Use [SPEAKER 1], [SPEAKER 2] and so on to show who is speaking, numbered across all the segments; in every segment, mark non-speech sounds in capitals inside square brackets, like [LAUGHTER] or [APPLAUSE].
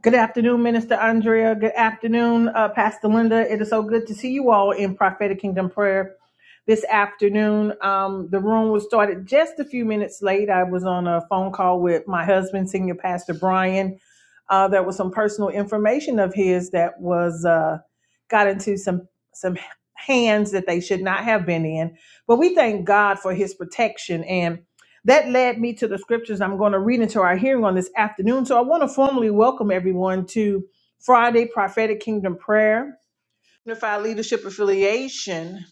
[SPEAKER 1] Good afternoon, Minister Andrea. Good afternoon, uh, Pastor Linda. It is so good to see you all in Prophetic Kingdom Prayer this afternoon. Um, the room was started just a few minutes late. I was on a phone call with my husband, Senior Pastor Brian. Uh, there was some personal information of his that was uh, got into some some hands that they should not have been in. But we thank God for His protection, and that led me to the scriptures I'm going to read into our hearing on this afternoon. So I want to formally welcome everyone to Friday Prophetic Kingdom Prayer, Unified Leadership Affiliation.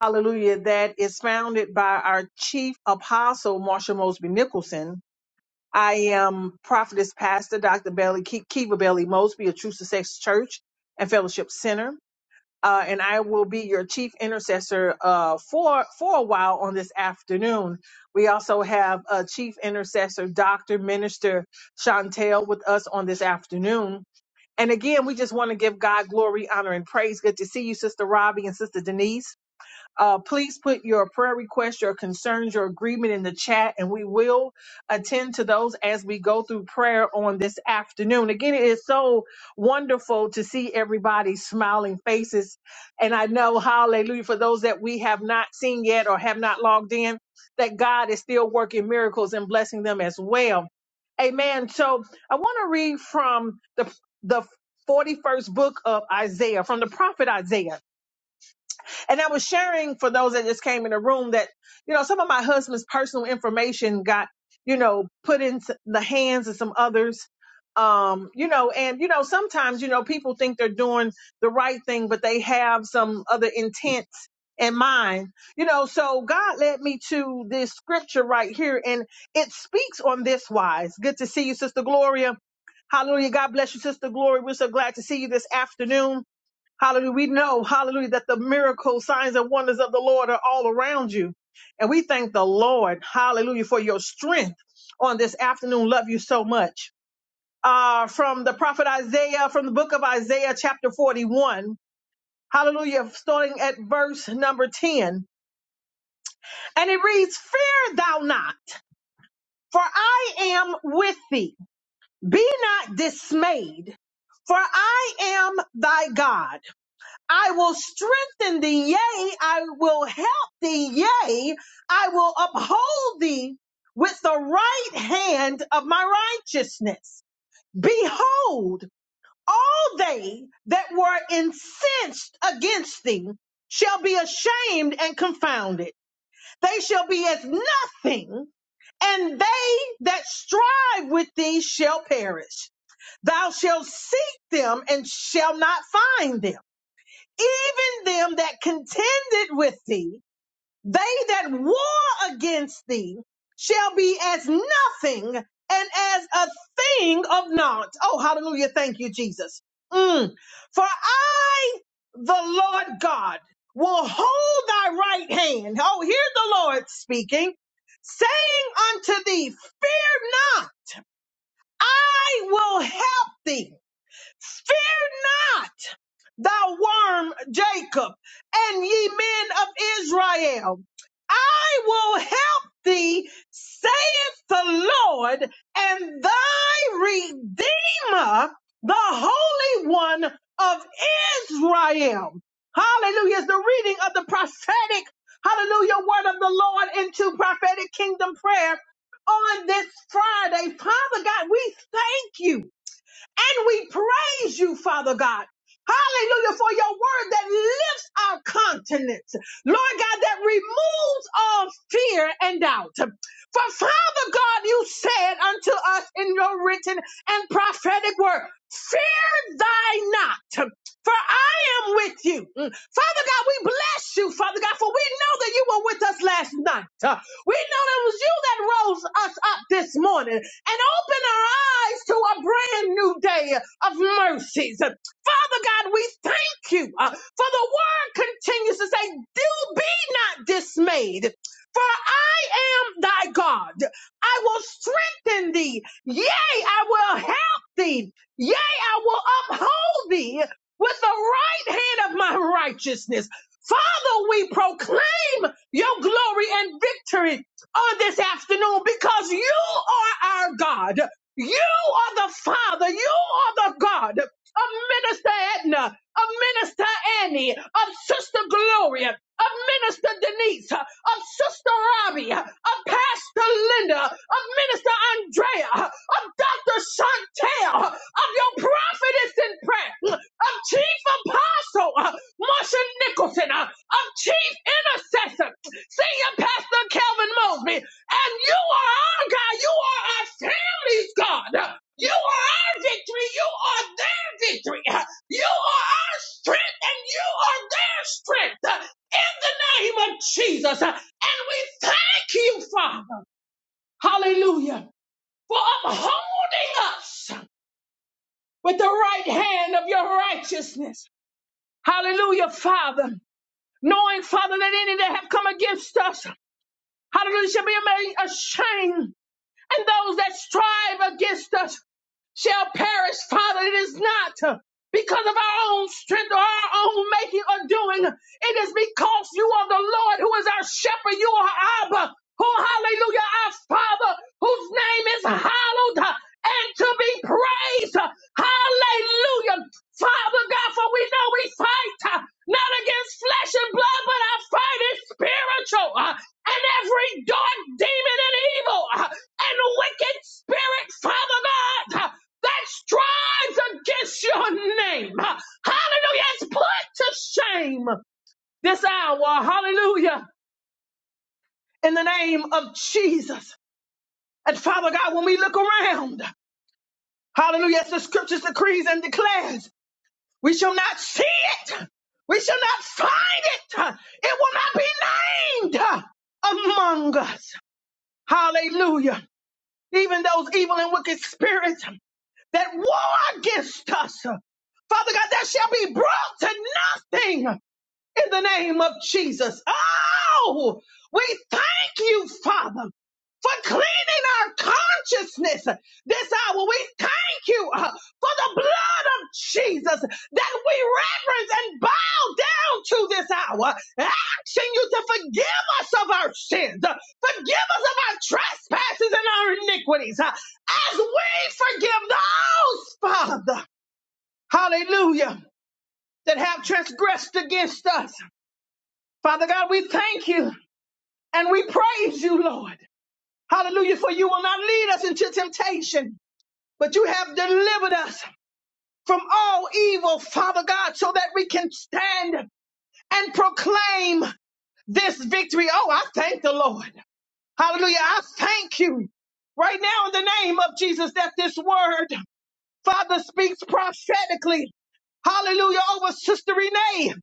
[SPEAKER 1] Hallelujah. That is founded by our chief apostle, Marsha Mosby Nicholson. I am prophetess pastor, Dr. Belly, Kiva Belly Mosby of True Success Church and Fellowship Center uh, and I will be your chief intercessor uh, for for a while on this afternoon. We also have uh, chief intercessor Dr. Minister Chantel with us on this afternoon. And again, we just want to give God glory, honor, and praise. Good to see you, Sister Robbie and Sister Denise. Uh, please put your prayer request, your concerns, your agreement in the chat, and we will attend to those as we go through prayer on this afternoon. Again, it is so wonderful to see everybody's smiling faces. And I know, hallelujah, for those that we have not seen yet or have not logged in, that God is still working miracles and blessing them as well. Amen. So I want to read from the, the 41st book of Isaiah, from the prophet Isaiah. And I was sharing for those that just came in the room that, you know, some of my husband's personal information got, you know, put in the hands of some others. Um, you know, and you know, sometimes, you know, people think they're doing the right thing, but they have some other intent in mind. You know, so God led me to this scripture right here, and it speaks on this wise. Good to see you, Sister Gloria. Hallelujah. God bless you, Sister Gloria. We're so glad to see you this afternoon. Hallelujah. We know, hallelujah, that the miracles, signs, and wonders of the Lord are all around you. And we thank the Lord, hallelujah, for your strength on this afternoon. Love you so much. Uh, from the prophet Isaiah, from the book of Isaiah, chapter 41. Hallelujah, starting at verse number 10. And it reads, Fear thou not, for I am with thee. Be not dismayed, for I am thy God. I will strengthen thee, yea, I will help thee, yea, I will uphold thee with the right hand of my righteousness. Behold, all they that were incensed against thee shall be ashamed and confounded. They shall be as nothing, and they that strive with thee shall perish. Thou shalt seek them and shall not find them even them that contended with thee, they that war against thee, shall be as nothing and as a thing of naught. Oh, hallelujah. Thank you, Jesus. Mm. For I, the Lord God, will hold thy right hand. Oh, hear the Lord speaking, saying unto thee, Fear not, I will help thee. Fear not thou worm Jacob, and ye men of Israel. I will help thee, saith the Lord, and thy Redeemer, the Holy One of Israel. Hallelujah. It's the reading of the prophetic, hallelujah, word of the Lord into prophetic kingdom prayer on this Friday. Father God, we thank you. And we praise you, Father God. Hallelujah for your word that lifts our continents. Lord God, that removes all fear and doubt. For Father God, you said unto us in your written and prophetic word, fear thy not, for I am with you. Mm. Father God, we bless you, Father God, for we know that you were with us last night. Uh, We know that it was you that rose us up this morning and open our eyes to a brand new day of mercies. Father God, we thank you uh, for the word continues to say, Do be not dismayed, for I am thy God. I will strengthen thee. Yea, I will help thee. Yea, I will uphold thee with the right hand of my righteousness. Father, we proclaim your glory and victory on this afternoon because you are our God. You are the Father. You are the God of Minister Edna, of Minister Annie, of Sister Gloria, of Minister Denise, of Sister Robbie, of Pastor Linda, of Minister Andrea, of Dr. Chantel, of your prophetess in prayer, of Chief Apostle uh, Marsha Nicholson, uh, of Chief Intercessor. Senior Pastor Calvin Mosby. And you are our God. You are our family's God. You are our victory. You are their victory. You are our strength and you are their strength. In the name of Jesus. And we thank you, Father. Hallelujah. For upholding us with the right hand of your righteousness. Hallelujah, Father. Knowing, Father, that any that have come against us Hallelujah shall be made ashamed. And those that strive against us shall perish, Father. It is not because of our own strength or our own making or doing. It is because you are the Lord who is our shepherd. You are Abba, who, hallelujah, our Father, whose name is hallowed and to be praised. Hallelujah. Father God, for we know we fight uh, not against flesh and blood, but our fight is spiritual. uh, And every dark demon and evil uh, and wicked spirit, Father God. uh, that strives against your name. Hallelujah. It's put to shame this hour. Hallelujah. In the name of Jesus. And Father God, when we look around, hallelujah, as the scriptures decrees and declares, we shall not see it. We shall not find it. It will not be named among us. Hallelujah. Even those evil and wicked spirits that war against us. Father God, that shall be brought to nothing in the name of Jesus. Oh, we thank you, Father for cleaning our consciousness this hour. We thank you uh, for the blood of Jesus that we reverence and bow down to this hour, asking you to forgive us of our sins, uh, forgive us of our trespasses and our iniquities, uh, as we forgive those, Father. Hallelujah, that have transgressed against us. Father God, we thank you and we praise you, Lord. Hallelujah. For you will not lead us into temptation, but you have delivered us from all evil, Father God, so that we can stand and proclaim this victory. Oh, I thank the Lord. Hallelujah. I thank you right now in the name of Jesus that this word, Father, speaks prophetically. Hallelujah. Over Sister Renee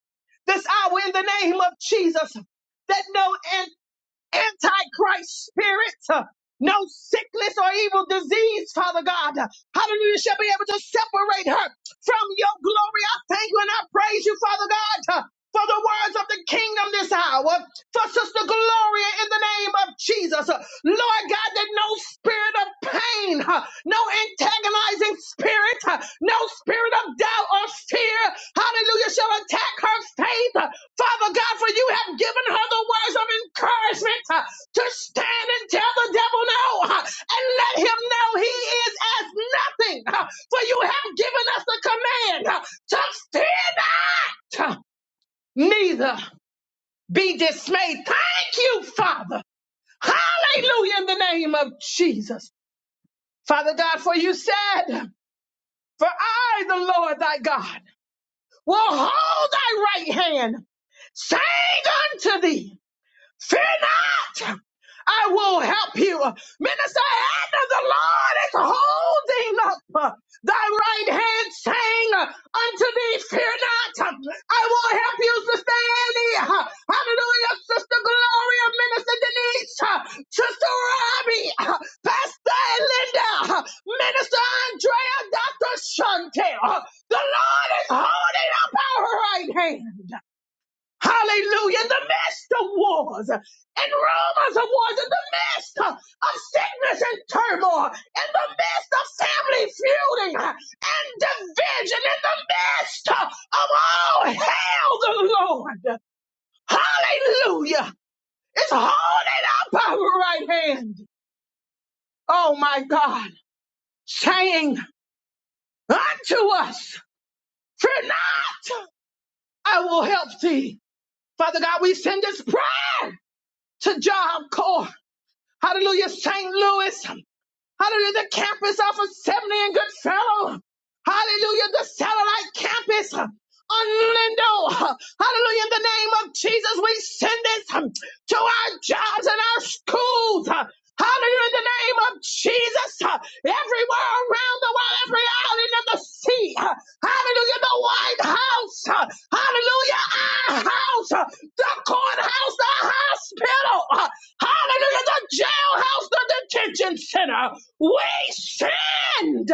[SPEAKER 1] this hour in the name of Jesus. That no antichrist spirits, uh, no sickness or evil disease, Father God. Hallelujah. Shall be able to separate her from your glory. I thank you and I praise you, Father God for the words of the kingdom this hour, for Sister Gloria in the name of Jesus. Lord God, that no spirit of pain, huh, no antagonizing spirit, huh, no spirit of doubt or fear, hallelujah, shall attack her faith. Father God, for you have given her the words of encouragement huh, to stand and tell the devil no huh, and let him know he is as nothing. huh, For you have given us the command huh, to fear not neither be dismayed. Thank you, Father. Hallelujah in the name of Jesus. Father God, for you said, for I, the Lord thy God, will hold thy right hand, saying unto thee, Fear not. I will help you. Minister, hand of the Lord is holding up uh, thy right hand, saying uh, unto thee, Fear not. Uh, I will help you, Sister Annie. Uh, Hallelujah, Sister Gloria, Minister Denise, uh, Sister Robbie, uh, Pastor Linda, uh, Minister Andrea, Dr. Shante. Uh, The Lord is holding up our right hand. Hallelujah. In the midst of wars and rumors of wars, in the midst of sickness and turmoil, in the midst of family feuding and division, in the midst of all hell, the Lord. Hallelujah. It's holding up our right hand. Oh my God. Saying unto us, fear not, I will help thee. Father God, we send this prayer to Job Core. Hallelujah, St. Louis. Hallelujah, the campus off of 70 and Goodfellow. Hallelujah, the satellite campus on Lindo. Hallelujah, in the name of Jesus, we send this to our jobs and our schools. Hallelujah, in the name of Jesus, everywhere around the world, every island of the sea. Hallelujah, the White House. Hallelujah, our house, the courthouse, the hospital. Hallelujah. The jailhouse, the detention center. We stand.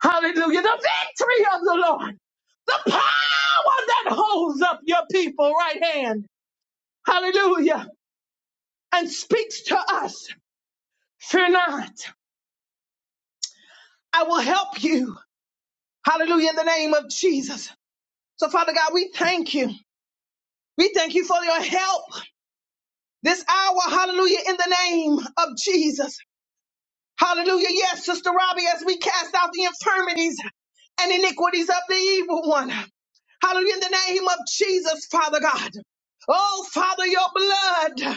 [SPEAKER 1] Hallelujah. The victory of the Lord. The power that holds up your people right hand. Hallelujah. And speaks to us. Fear not. I will help you. Hallelujah. In the name of Jesus. So Father God, we thank you. We thank you for your help this hour. Hallelujah. In the name of Jesus. Hallelujah. Yes, Sister Robbie, as we cast out the infirmities. and iniquities of the evil one. Hallelujah. In the name of Jesus, Father God. Oh, Father, your blood.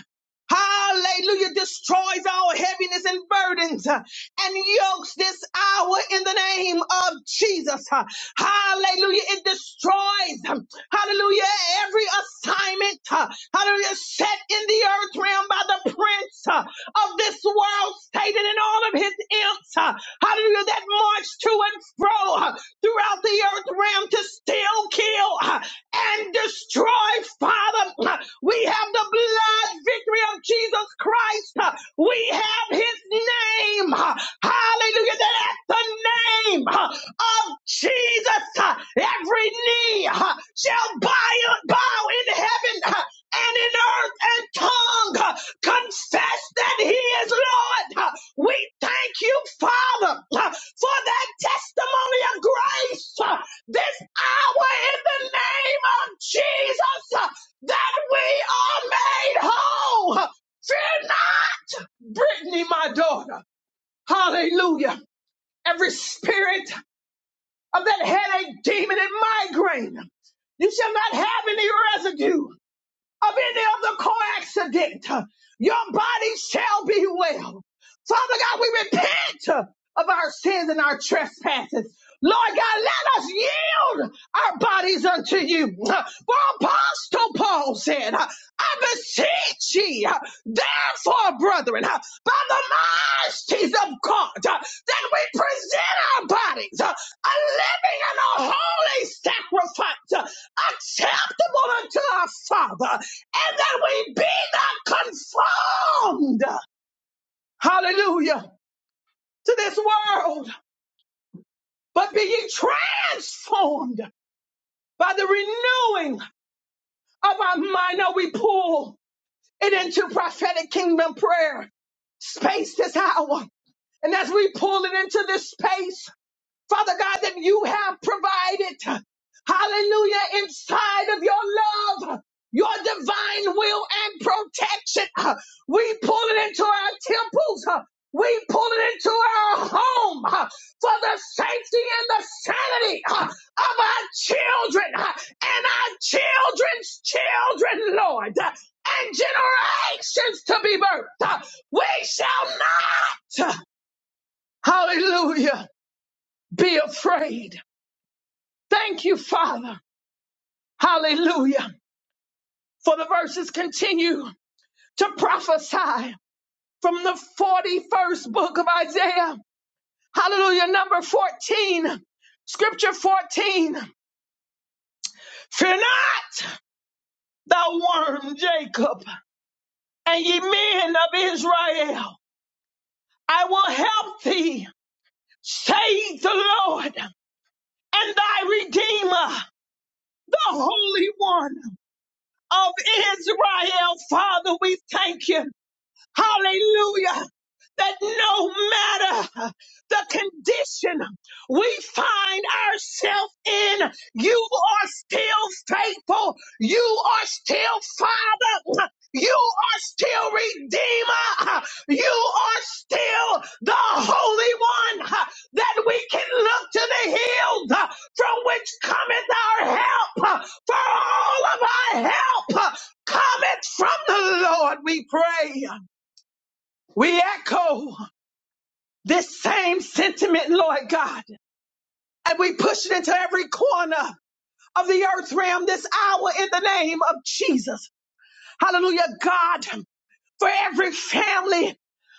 [SPEAKER 1] Hallelujah. Destroys all heaviness and burdens uh, and yokes this hour in the name of Jesus. Uh, Hallelujah. It destroys, um, hallelujah, every assignment, uh, hallelujah, set in the earth realm by the prince uh, of this world, Satan and all of his imps. uh, Hallelujah. That march to and fro. uh, throughout the earth realm to steal, kill, uh, and destroy, Father. Uh, We have the blood victory of Jesus Christ. Uh, We have his name. Uh, Hallelujah. That at the name uh, of Jesus, uh, every knee uh, shall bow, bow in heaven uh, and in earth and tongue uh, confess that he is Lord. Uh, we thank you, Father, uh, for that testimony of grace uh, this hour in the name of Jesus uh, that we are made whole. Fear not, Brittany, my daughter. Hallelujah. Every spirit of that headache, demon, and migraine, you shall not have any residue of any other car accident, your body shall be well. Father God, we repent of our sins and our trespasses. Lord God, let us yield our bodies unto you. For Apostle Paul said, I beseech ye, therefore, brethren, by the mercies of God, that we present our bodies a living and a holy sacrifice, acceptable unto our Father and that we be not conformed, hallelujah, to this world, but be ye transformed by the renewing of our mind. Now we pull it into prophetic kingdom prayer space this hour. And as we pull it into this space, Father God, that you have provided. Hallelujah. Inside of your love, your divine will and protection. We pull it into our temples. We pull it into our home for the safety and the sanity of our children and our children's children, Lord, and generations to be birthed. We shall not, hallelujah, be afraid Thank you, Father. Hallelujah. For the verses continue to prophesy from the 41st book of Isaiah. Hallelujah. Number 14. Scripture 14. Fear not, thou worm Jacob, and ye men of Israel. I will help thee, saith the Lord, and thy Redeemer, the Holy One of Israel. Father, we thank you. Hallelujah. That no matter the condition we find ourselves in, you are still faithful. You are still Father. You are still Redeemer. You are still the Holy One that we can look to the hills uh, from which cometh our help. uh, For all of our help uh, cometh from the Lord, we pray. We echo this same sentiment, Lord God, and we push it into every corner of the earth realm this hour in the name of Jesus. Hallelujah, God for every family,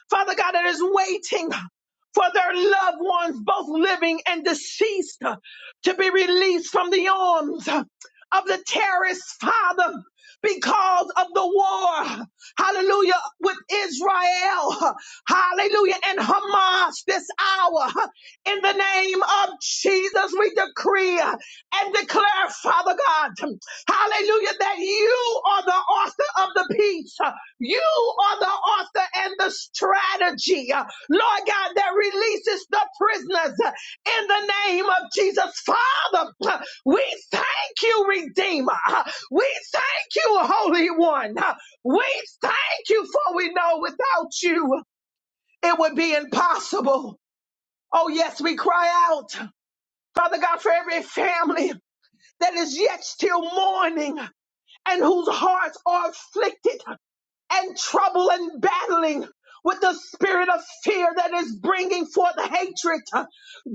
[SPEAKER 1] Father God, that is waiting for their loved ones, both living and deceased, to be released from the arms of the terrorists, Father, because of the war, hallelujah, with Israel, hallelujah, and Hamas this hour. In the name of Jesus, we decree and declare, Father God, hallelujah, that you are the author of the peace. You are the author and the strategy, uh, Lord God, that releases the prisoners uh, in the name of Jesus. Father, uh, we thank you, Redeemer. Uh, We thank you, Holy One. Uh, We thank you, for we know without you it would be impossible. Oh, yes, we cry out, Father God, for every family that is yet still mourning and whose hearts are afflicted and trouble and battling with the spirit of fear that is bringing forth hatred. uh,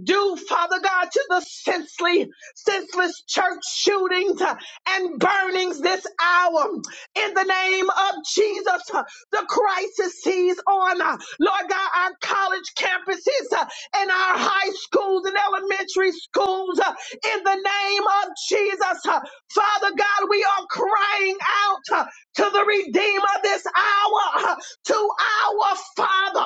[SPEAKER 1] Due, Father God, to the senseless, senseless church shootings uh, and burnings this hour. In the name of Jesus, uh, the crisis sees on, uh, Lord God, our college campuses uh, and our high schools and elementary schools. uh, In the name of Jesus, uh, Father God, we are crying out to the Redeemer this hour, to our Father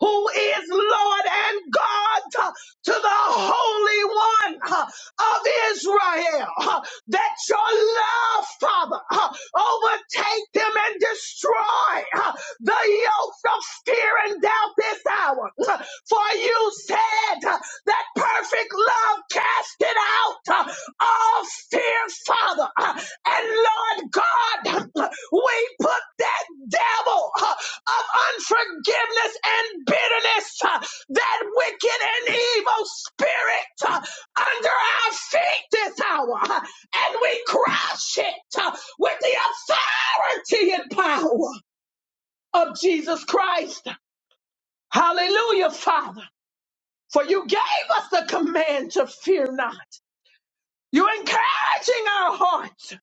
[SPEAKER 1] who is Lord and God, to the Holy One of Israel, that your love, Father, overtake them and destroy the yokes of fear and doubt this hour. For you said that perfect love casted out all fear, Father. And Lord God, we put that devil uh, of unforgiveness and bitterness, uh, that wicked and evil spirit uh, under our feet this hour, uh, and we crush it uh, with the authority and power of Jesus Christ. Hallelujah, Father. For you gave us the command to fear not. You're encouraging our hearts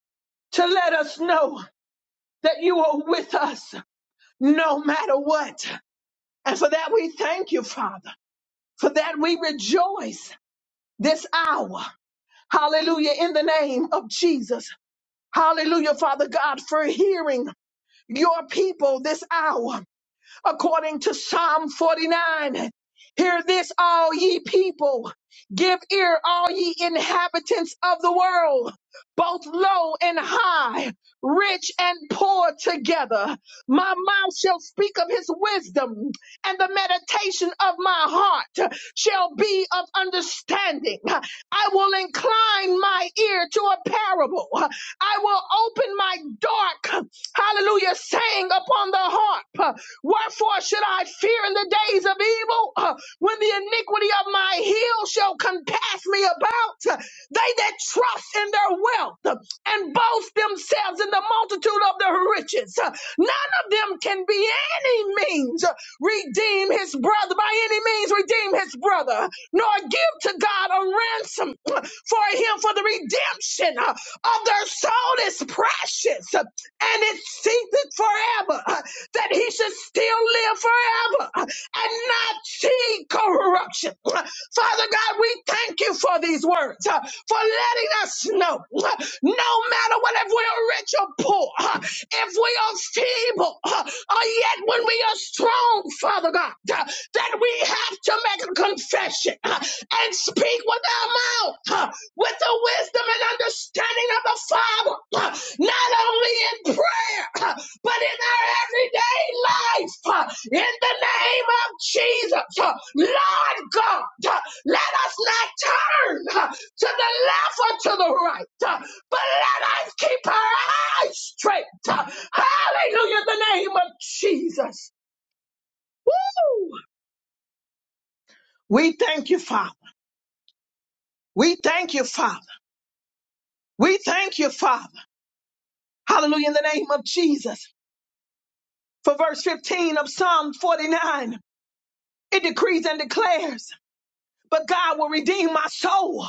[SPEAKER 1] to let us know that you are with us no matter what. And for that we thank you, Father. For that we rejoice this hour. Hallelujah. In the name of Jesus. Hallelujah, Father God, for hearing your people this hour according to Psalm 49. Hear this, all ye people. Give ear, all ye inhabitants of the world, both low and high, rich and poor together. My mouth shall speak of his wisdom, and the meditation of my heart shall be of understanding. I will incline my ear to a parable. I will open my dark, hallelujah, saying upon the harp. Wherefore should I fear in the days of evil uh, when the iniquity of my heel shall compass me about? out. They that trust in their wealth and boast themselves in the multitude of their riches. None of them can be any means redeem his brother, by any means redeem his brother, nor give to God a ransom for him, for the redemption of their soul is precious, and it seeketh forever that he should still live forever and not see corruption. Father God, we thank you for these words, uh, for letting us know uh, no matter whether we are rich or poor, uh, if we are feeble, uh, or yet when we are strong, Father God, uh, that we have to make a confession uh, and speak with our mouth. uh, with the wisdom and understanding of the Father, not only in prayer, but in our everyday life. In the name of Jesus, Lord God, let us not turn to the left or to the right, but let us keep our eyes straight. Hallelujah, In the name of Jesus. Woo! We thank you, Father. We thank you, Father. We thank you, Father. Hallelujah, in the name of Jesus. For verse 15 of Psalm 49, it decrees and declares, But God will redeem my soul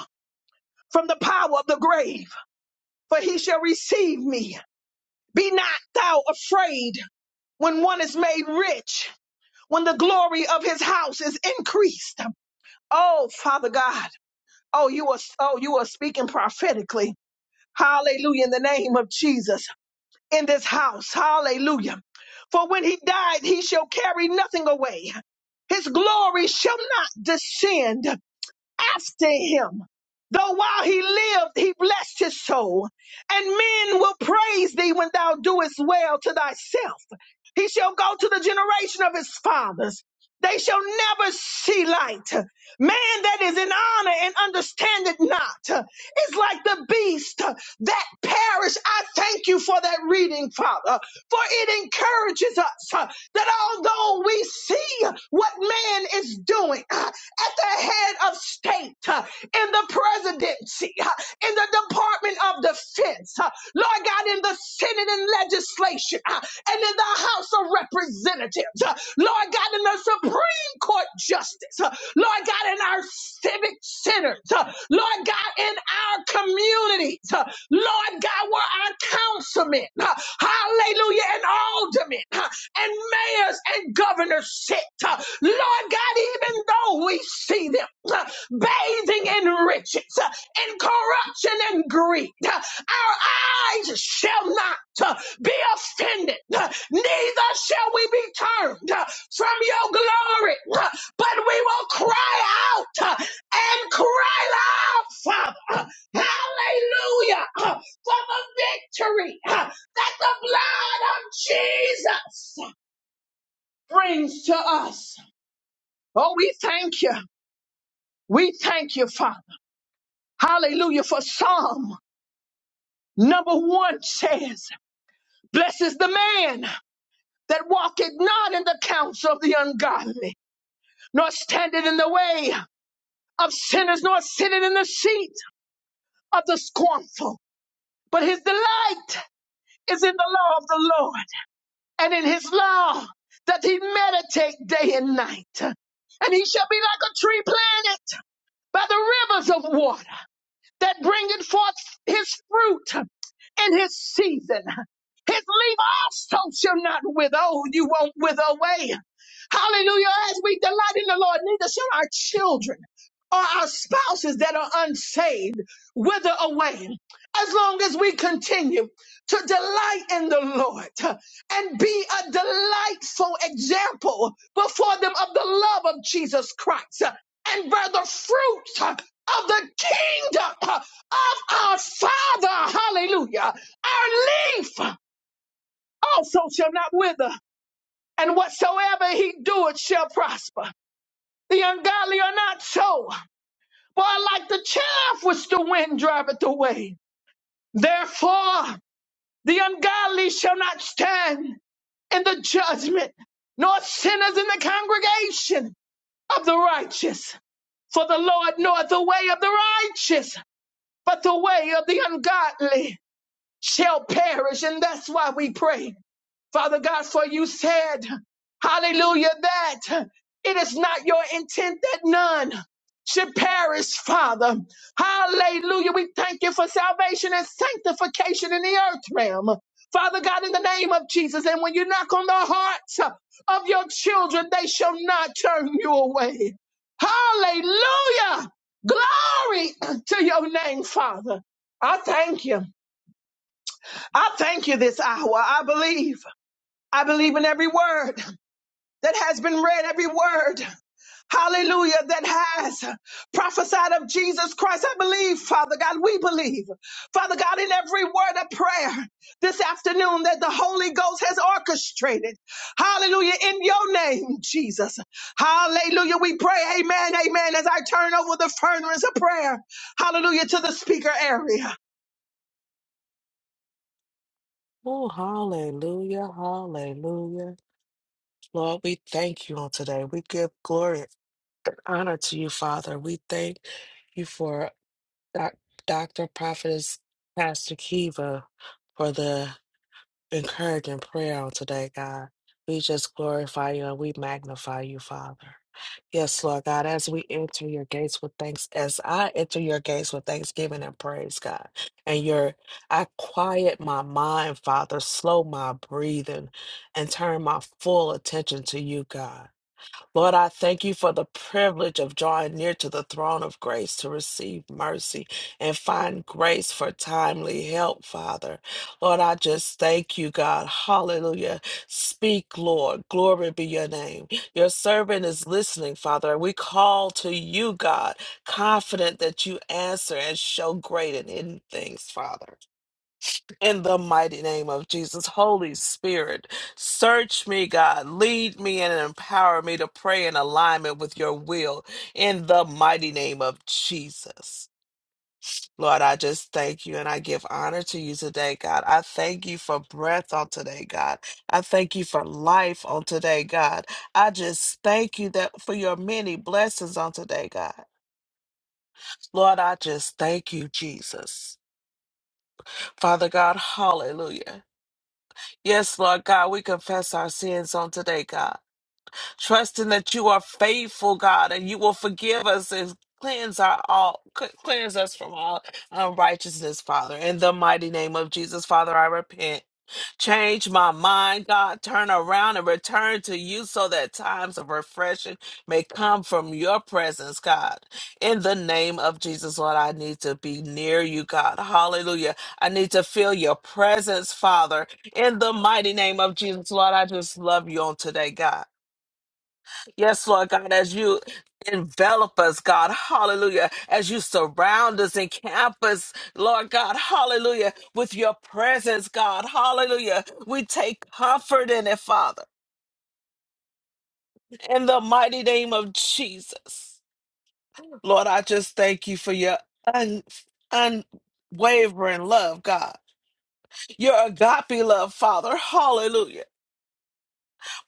[SPEAKER 1] from the power of the grave, for he shall receive me. Be not thou afraid when one is made rich, when the glory of his house is increased. Oh, Father God. Oh, you are oh, you are speaking prophetically. Hallelujah in the name of Jesus in this house. Hallelujah. For when he died, he shall carry nothing away. His glory shall not descend after him. Though while he lived, he blessed his soul, and men will praise thee when thou doest well to thyself. He shall go to the generation of his fathers. They shall never see light. Man that is in honor and understandeth not is like the beast that perish. I thank you for that reading, Father, for it encourages us uh, that although we see what man is doing, at the head of state, uh, in the presidency, uh, in the Department of Defense, uh, Lord God, in the Senate and legislation, uh, and in the House of Representatives, uh, Lord God, in the Supreme Court Justice, uh, Lord God, in our civic centers, uh, Lord God, in our communities, uh, Lord God, where our councilmen, uh, hallelujah, and aldermen, uh, and mayors and governors sit. Uh, Lord God, even though we see them uh, bathing in riches uh, and corruption and greed, uh, our eyes shall not uh, be offended, uh, neither shall we be turned uh, from your glory, uh, but we will cry out uh, and cry loud, Father. Uh, Hallelujah uh, for the victory uh, that the blood of Jesus. uh, brings to us. Oh, we thank you. We thank you, Father. Hallelujah. For Psalm number one says, Blessed is the man that walketh not in the counsel of the ungodly, nor standeth in the way of sinners, nor sitteth in the seat of the scornful. But his delight is in the law of the Lord, and in his law that he meditate day and night. And he shall be like a tree planted by the rivers of water that bringeth forth his fruit in his season. His leaf also shall not withhold. You won't wither away. Hallelujah. As we delight in the Lord, neither shall our children or our spouses that are unsaved wither away. As long as we continue to delight in the Lord and be a delightful example before them of the love of Jesus Christ and bear the fruit of the kingdom of our Father. Hallelujah. Our leaf also shall not wither, and whatsoever he doeth shall prosper. The ungodly are not so, but are like the chaff which the wind driveth away. Therefore, the ungodly shall not stand in the judgment, nor sinners in the congregation of the righteous. For the Lord knoweth the way of the righteous, but the way of the ungodly shall perish. And that's why we pray, Father God, for you said, hallelujah, that it is not your intent that none should perish, Father. Hallelujah. We thank you for salvation and sanctification in the earth realm. Father God, in the name of Jesus, and when you knock on the hearts of your children, they shall not turn you away. Hallelujah. Glory to your name, Father. I thank you. I thank you this hour. I believe. I believe in every word that has been read, every word, hallelujah, that has prophesied of Jesus Christ. I believe, Father God, we believe, Father God, in every word of prayer this afternoon that the Holy Ghost has orchestrated. Hallelujah, in your name, Jesus. Hallelujah, we pray, amen, amen, as I turn over the furnace of prayer, hallelujah, to the speaker area.
[SPEAKER 2] Oh, hallelujah, hallelujah. Lord, we thank you on today. We give glory and honor to you, Father. We thank you for doc- Dr. Prophetess Pastor Kiva for the encouraging prayer on today, God. We just glorify you and we magnify you, Father. Yes, Lord God, as we enter your gates with thanks, as I enter your gates with thanksgiving and praise, God, and your I quiet my mind, Father, slow my breathing, and turn my full attention to you, God. Lord, I thank you for the privilege of drawing near to the throne of grace to receive mercy and find grace for timely help, Father. Lord, I just thank you, God. Hallelujah. Speak, Lord. Glory be your name. Your servant is listening, Father, and we call to you, God, confident that you answer and show great and hidden things, Father. In the mighty name of Jesus, Holy Spirit, search me, God. Lead me and empower me to pray in alignment with your will. In the mighty name of Jesus. Lord, I just thank you and I give honor to you today, God. I thank you for breath on today, God. I thank you for life on today, God. I just thank you that for your many blessings on today, God. Lord, I just thank you, Jesus. Father God, hallelujah. Yes, Lord God, we confess our sins on today, God, trusting that you are faithful, God, and you will forgive us and cleanse our all cl- cleanse us from all unrighteousness, Father. In the mighty name of Jesus, Father, I repent. Change my mind, God. Turn around and return to you so that times of refreshing may come from your presence, God. In the name of Jesus, Lord, I need to be near you, God. Hallelujah. I need to feel your presence, Father. In the mighty name of Jesus, Lord, I just love you on today, God. Yes, Lord God, as you envelop us, God, hallelujah, as you surround us and camp us, Lord God, hallelujah, with your presence, God, hallelujah. We take comfort in it, Father, in the mighty name of Jesus. Lord, I just thank you for your un- unwavering love, God. Your agape love, Father. Hallelujah.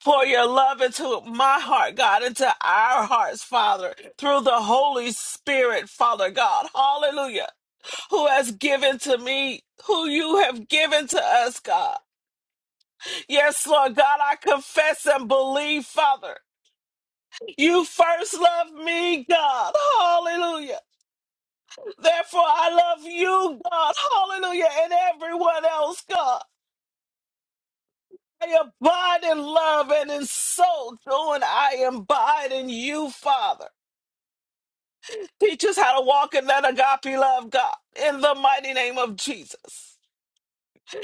[SPEAKER 2] Pour your love into my heart, God, into our hearts, Father, through the Holy Spirit, Father God. Hallelujah. Who has given to me, who you have given to us, God. Yes, Lord God, I confess and believe, Father. You first loved me, God. Hallelujah. Therefore, I love you, God. Hallelujah. And everyone else, God. I abide in love and in so doing I abide in you, Father. Teach us how to walk in that agape love, God, in the mighty name of Jesus.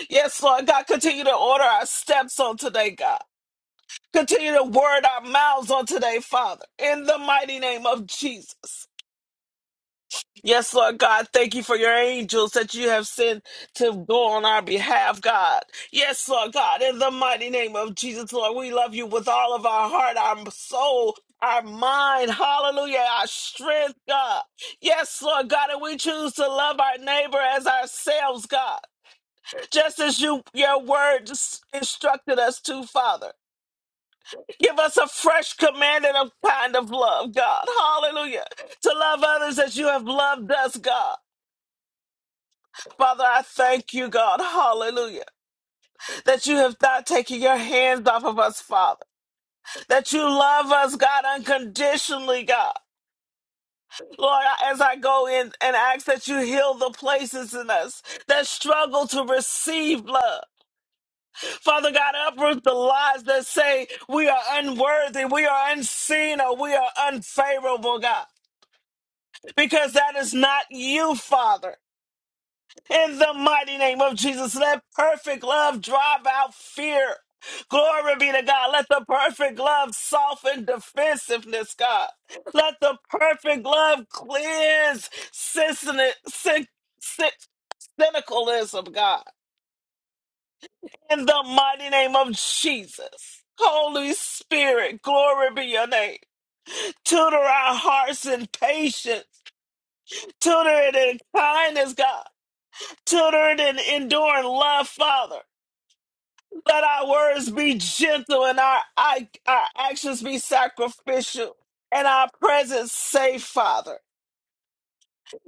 [SPEAKER 2] Yes, Lord God, continue to order our steps on today, God. Continue to word our mouths on today, Father, in the mighty name of Jesus. Yes, Lord God, thank you for your angels that you have sent to go on our behalf, God. Yes, Lord God, in the mighty name of Jesus, Lord, we love you with all of our heart, our soul, our mind, hallelujah, our strength, God. Yes, Lord God, and we choose to love our neighbor as ourselves, God, just as you your word instructed us to, Father. Give us a fresh command and a kind of love, God. Hallelujah to love others as you have loved us, God. Father, I thank you, God, hallelujah, that you have not taken your hands off of us, Father, that you love us, God, unconditionally, God. Lord, I- as I go in and ask that you heal the places in us that struggle to receive love. Father God, uproot the lies that say we are unworthy, we are unseen, or we are unfavorable, God because that is not you, Father. In the mighty name of Jesus, let perfect love drive out fear. Glory be to God. Let the perfect love soften defensiveness, God. Let the perfect love cleanse cynic- cyn- cyn- cynicalism, God. In the mighty name of Jesus. Holy Spirit, glory be your name. Tutor our hearts in patience. Tutor it in kindness, God. Tutor it in enduring love, Father. Let our words be gentle and our, our, our actions be sacrificial and our presence safe, Father.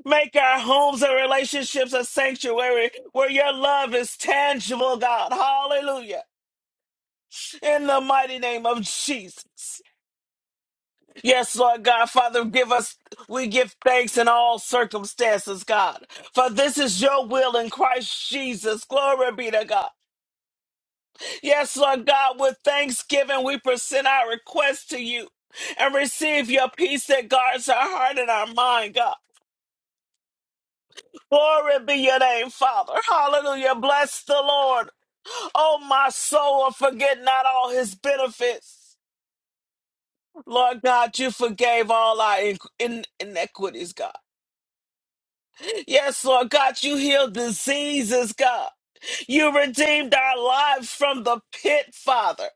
[SPEAKER 2] Make our homes and relationships a sanctuary where your love is tangible, God. Hallelujah. In the mighty name of Jesus. Yes, Lord God, Father, give us, we give thanks in all circumstances, God. For this is your will in Christ Jesus. Glory be to God. Yes, Lord God, with thanksgiving, we present our request to you and receive your peace that guards our heart and our mind, God. Glory be your name, Father. Hallelujah. Bless the Lord. Oh, my soul, and forget not all his benefits. Lord God, you forgave all our in- in- inequities, God. Yes, Lord God, you healed diseases, God. You redeemed our lives from the pit, Father.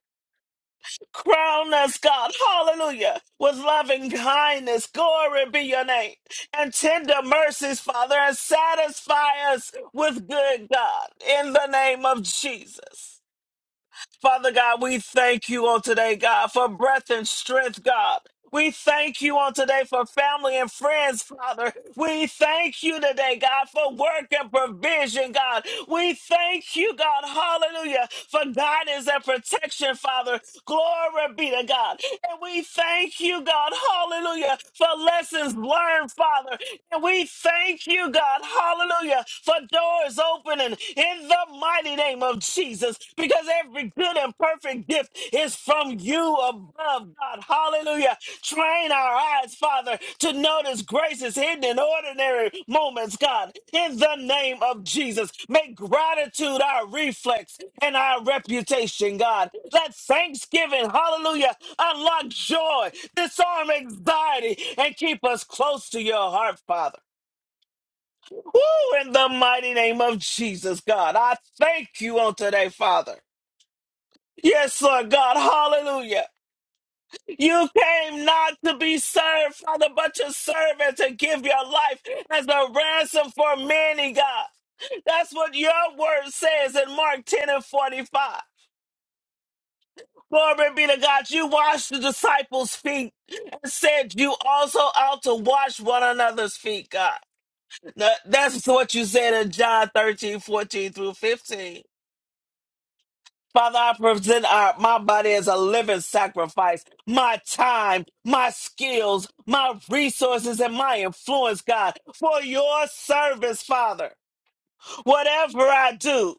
[SPEAKER 2] Crown us, God, hallelujah, with loving kindness. Glory be your name. And tender mercies, Father, and satisfy us with good, God, in the name of Jesus. Father God, we thank you on today, God, for breath and strength, God. We thank you on today for family and friends, Father. We thank you today, God, for work and provision, God. We thank you, God, hallelujah, for guidance and protection, Father. Glory be to God. And we thank you, God, hallelujah, for lessons learned, Father. And we thank you, God, hallelujah, for doors open opening in the mighty name of Jesus because every good and perfect gift is from you above, God. Hallelujah. Train our eyes, Father, to notice graces hidden in ordinary moments, God. In the name of Jesus, make gratitude our reflex and our reputation, God. Let thanksgiving, hallelujah, unlock joy, disarm anxiety, and keep us close to your heart, Father. Ooh, in the mighty name of Jesus, God, I thank you on today, Father. Yes, Lord God, hallelujah. You came not to be served, Father, but to serve and to give your life as a ransom for many, God. That's what your word says in Mark 10 and 45. Glory be to God. You washed the disciples' feet and said you also ought to wash one another's feet, God. Now, That's what you said in John 13, 14 through 15. Father, I present our, my body as a living sacrifice, my time, my skills, my resources, and my influence, God, for your service, Father. Whatever I do,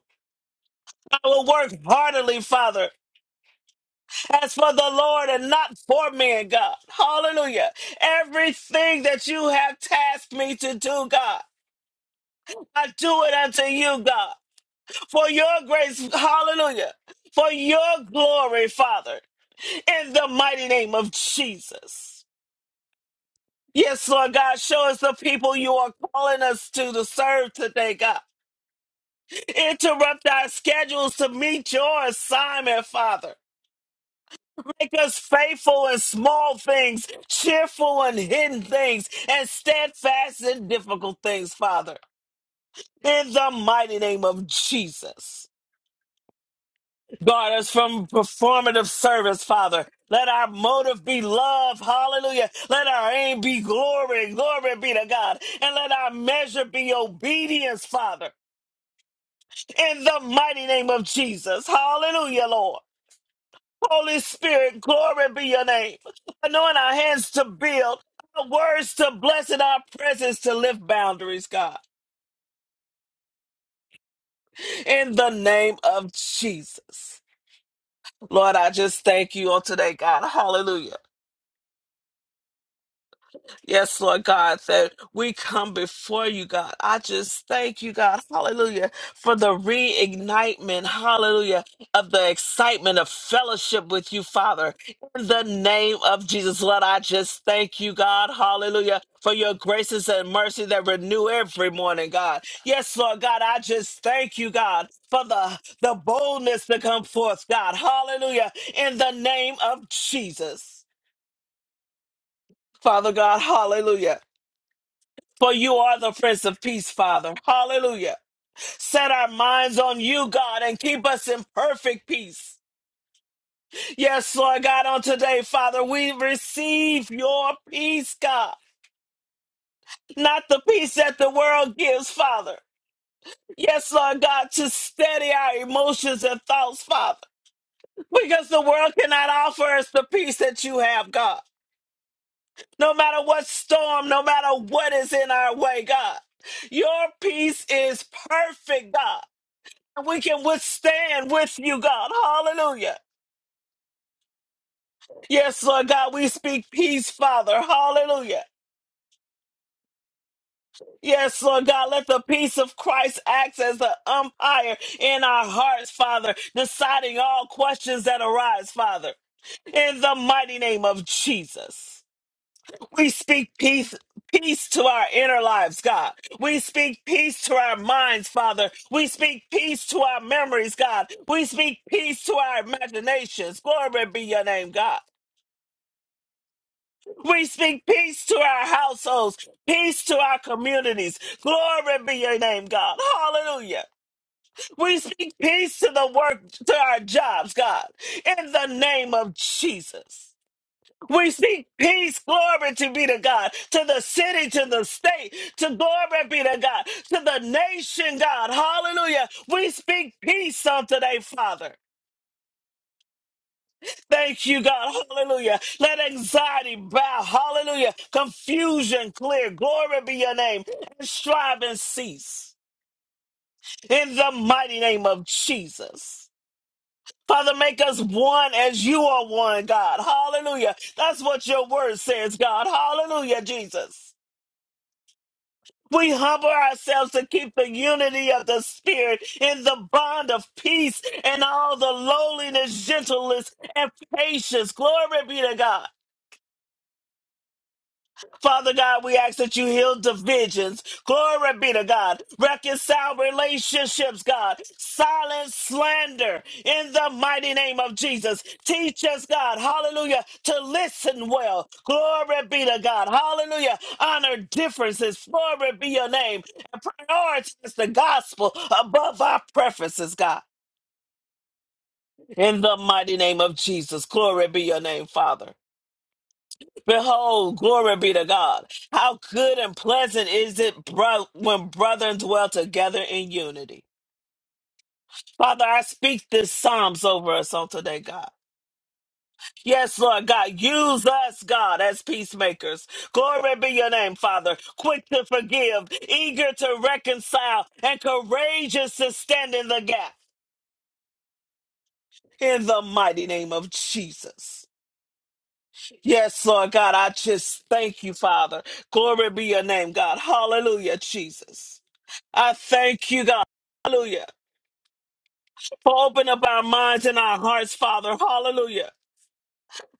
[SPEAKER 2] I will work heartily, Father, as for the Lord and not for men, God. Hallelujah. Everything that you have tasked me to do, God, I do it unto you, God, for your grace. Hallelujah. For your glory, Father. in the mighty name of Jesus. Yes, Lord God, show us the people you are calling us to to serve today, God. Interrupt our schedules to meet your assignment, Father. Make us faithful in small things, cheerful in hidden things, and steadfast in difficult things, Father. In the mighty name of Jesus. Guard us from performative service, Father. Let our motive be love. Hallelujah. Let our aim be glory. Glory be to God. And let our measure be obedience, Father. In the mighty name of Jesus. Hallelujah, Lord. Holy Spirit, glory be your name. Anoint our hands to build, our words to bless, and our presence to lift boundaries, God. In the name of Jesus. Lord, I just thank you on today, God. Hallelujah. Yes, Lord God, that we come before you, God. I just thank you, God, hallelujah, for the reignitement, hallelujah, of the excitement of fellowship with you, Father. In the name of Jesus, Lord, I just thank you, God, hallelujah, for your graces and mercy that renew every morning, God. Yes, Lord God, I just thank you, God, for the, the boldness to come forth, God, hallelujah, in the name of Jesus. Father God, hallelujah. For you are the Prince of Peace, Father. Hallelujah. Set our minds on you, God, and keep us in perfect peace. Yes, Lord God, on today, Father, we receive your peace, God, not the peace that the world gives, Father. Yes, Lord God, to steady our emotions and thoughts, Father, because the world cannot offer us the peace that you have, God. No matter what storm, no matter what is in our way, God, your peace is perfect, God. we can withstand with you, God. Hallelujah. Yes, Lord God, we speak peace, Father. Hallelujah. Yes, Lord God, let the peace of Christ act as the umpire in our hearts, Father, deciding all questions that arise, Father, in the mighty name of Jesus. We speak peace, peace to our inner lives, God. We speak peace to our minds, Father. We speak peace to our memories, God. We speak peace to our imaginations. Glory be your name, God. We speak peace to our households, peace to our communities. Glory be your name, God. Hallelujah. We speak peace to the work, to our jobs, God, in the name of Jesus. We speak peace, glory to be to God, to the city, to the state, to glory be to God, to the nation, God. Hallelujah. We speak peace on today, Father. Thank you, God. Hallelujah. Let anxiety bow. Hallelujah. Confusion clear. Glory be your name. And strive and cease. In the mighty name of Jesus. Father, make us one as you are one, God. Hallelujah. That's what your word says, God. Hallelujah, Jesus. We humble ourselves to keep the unity of the Spirit in the bond of peace and all the lowliness, gentleness, and patience. Glory be to God. Father God, we ask that you heal divisions. Glory be to God. Reconcile relationships, God. Silence slander in the mighty name of Jesus. Teach us, God, hallelujah, to listen well. Glory be to God. Hallelujah. Honor differences. Glory be your name. And prioritize the gospel above our preferences, God. In the mighty name of Jesus. Glory be your name, Father. Behold, glory be to God. How good and pleasant is it bro- when brethren dwell together in unity. Father, I speak this Psalms over us on today, God. Yes, Lord God, use us, God, as peacemakers. Glory be your name, Father. Quick to forgive, eager to reconcile, and courageous to stand in the gap. In the mighty name of Jesus. Yes, Lord God, I just thank you, Father. Glory be your name, God. Hallelujah, Jesus. I thank you, God. Hallelujah. For open up our minds and our hearts, Father. Hallelujah.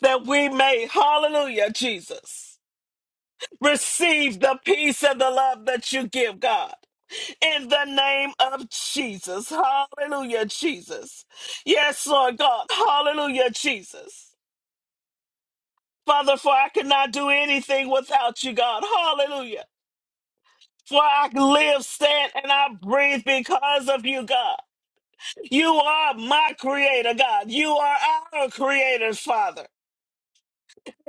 [SPEAKER 2] That we may, hallelujah, Jesus, receive the peace and the love that you give, God. In the name of Jesus. Hallelujah, Jesus. Yes, Lord God. Hallelujah, Jesus. Father, for I cannot do anything without you, God. Hallelujah. For I live, stand, and I breathe because of you, God. You are my creator, God. You are our creator, Father.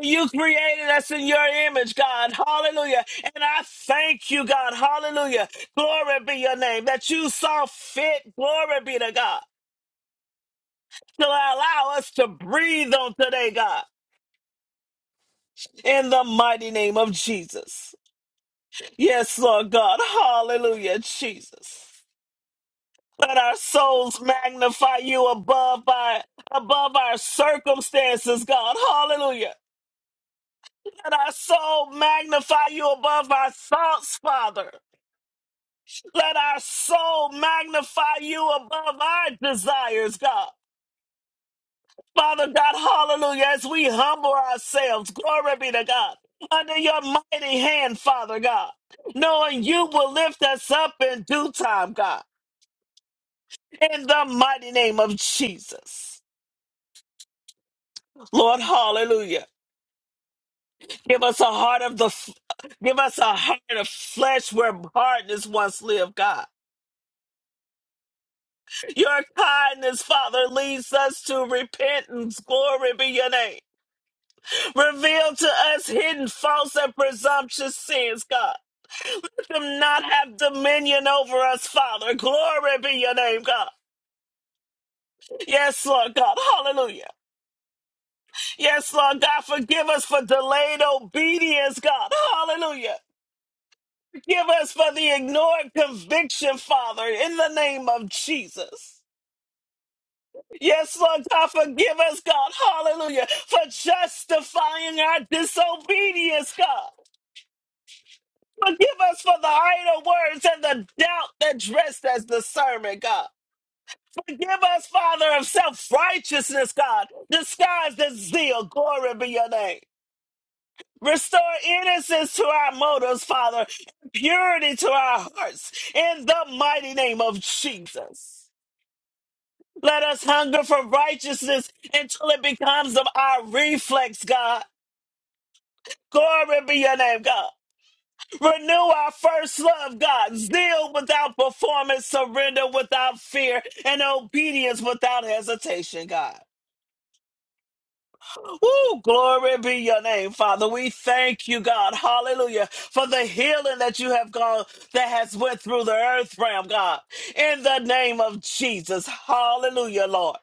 [SPEAKER 2] You created us in your image, God. Hallelujah. And I thank you, God. Hallelujah. Glory be your name that you saw fit. Glory be to God. To allow us to breathe on today, God. In the mighty name of Jesus. Yes, Lord God. Hallelujah, Jesus. Let our souls magnify you above by above our circumstances, God. Hallelujah. Let our soul magnify you above our thoughts, Father. Let our soul magnify you above our desires, God. Father God, hallelujah, as we humble ourselves, glory be to God, under your mighty hand, Father God, knowing you will lift us up in due time, God, in the mighty name of Jesus. Lord, hallelujah. Give us a heart of the, f- give us a heart of flesh where hardness once lived, God. Your kindness, Father, leads us to repentance. Glory be your name. Reveal to us hidden, false, and presumptuous sins, God. Let them not have dominion over us, Father. Glory be your name, God. Yes, Lord God. Hallelujah. Yes, Lord God. Forgive us for delayed obedience, God. Hallelujah. Forgive us for the ignored conviction, Father, in the name of Jesus. Yes, Lord God, forgive us, God. Hallelujah. For justifying our disobedience, God. Forgive us for the idle words and the doubt that dressed as the sermon, God. Forgive us, Father, of self righteousness, God, disguised as zeal. Glory be your name. Restore innocence to our motives, Father, purity to our hearts, in the mighty name of Jesus. Let us hunger for righteousness until it becomes of our reflex, God. Glory be your name, God. Renew our first love, God. Zeal without performance, surrender without fear, and obedience without hesitation, God. Woo, glory be your name, Father. We thank you, God. Hallelujah. For the healing that you have gone, that has went through the earth realm, God. In the name of Jesus. Hallelujah, Lord.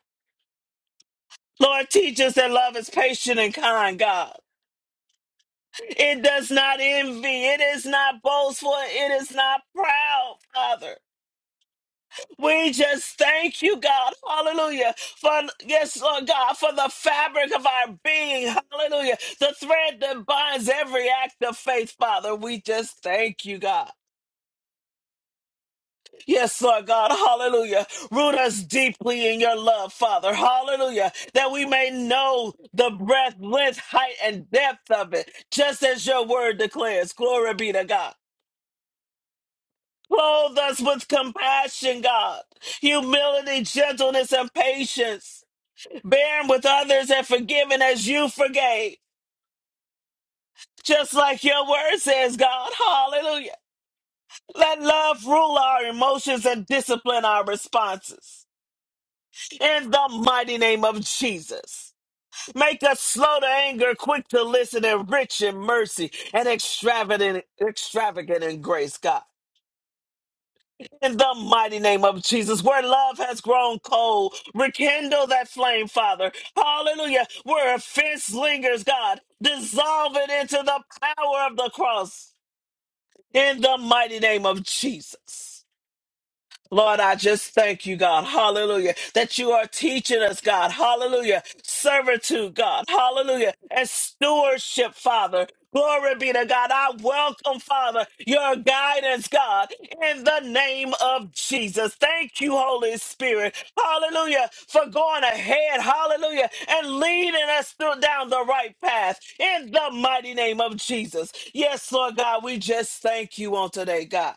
[SPEAKER 2] Lord, teach us that love is patient and kind, God. It does not envy. It is not boastful. It is not proud, Father. We just thank you, God. Hallelujah. For, yes, Lord God, for the fabric of our being. Hallelujah. The thread that binds every act of faith, Father. We just thank you, God. Yes, Lord God, hallelujah. Root us deeply in your love, Father, hallelujah, that we may know the breadth, length, height, and depth of it, just as your word declares. Glory be to God. Clothe us with compassion, God, humility, gentleness, and patience, bearing with others and forgiving as you forgave. Just like your word says, God, hallelujah. Let love rule our emotions and discipline our responses. in the mighty name of Jesus. Make us slow to anger, quick to listen, and rich in mercy and extravagant, extravagant in grace, God. In the mighty name of Jesus, where love has grown cold, rekindle that flame, Father. Hallelujah. Where offense lingers, God, dissolve it into the power of the cross. In the mighty name of Jesus. Lord, I just thank you, God. Hallelujah. That you are teaching us, God. Hallelujah. Servitude, God. Hallelujah. And stewardship, Father. Glory be to God. I welcome, Father, your guidance, God, in the name of Jesus. Thank you, Holy Spirit. Hallelujah. For going ahead. Hallelujah. And leading us through down the right path in the mighty name of Jesus. Yes, Lord God, we just thank you on today, God.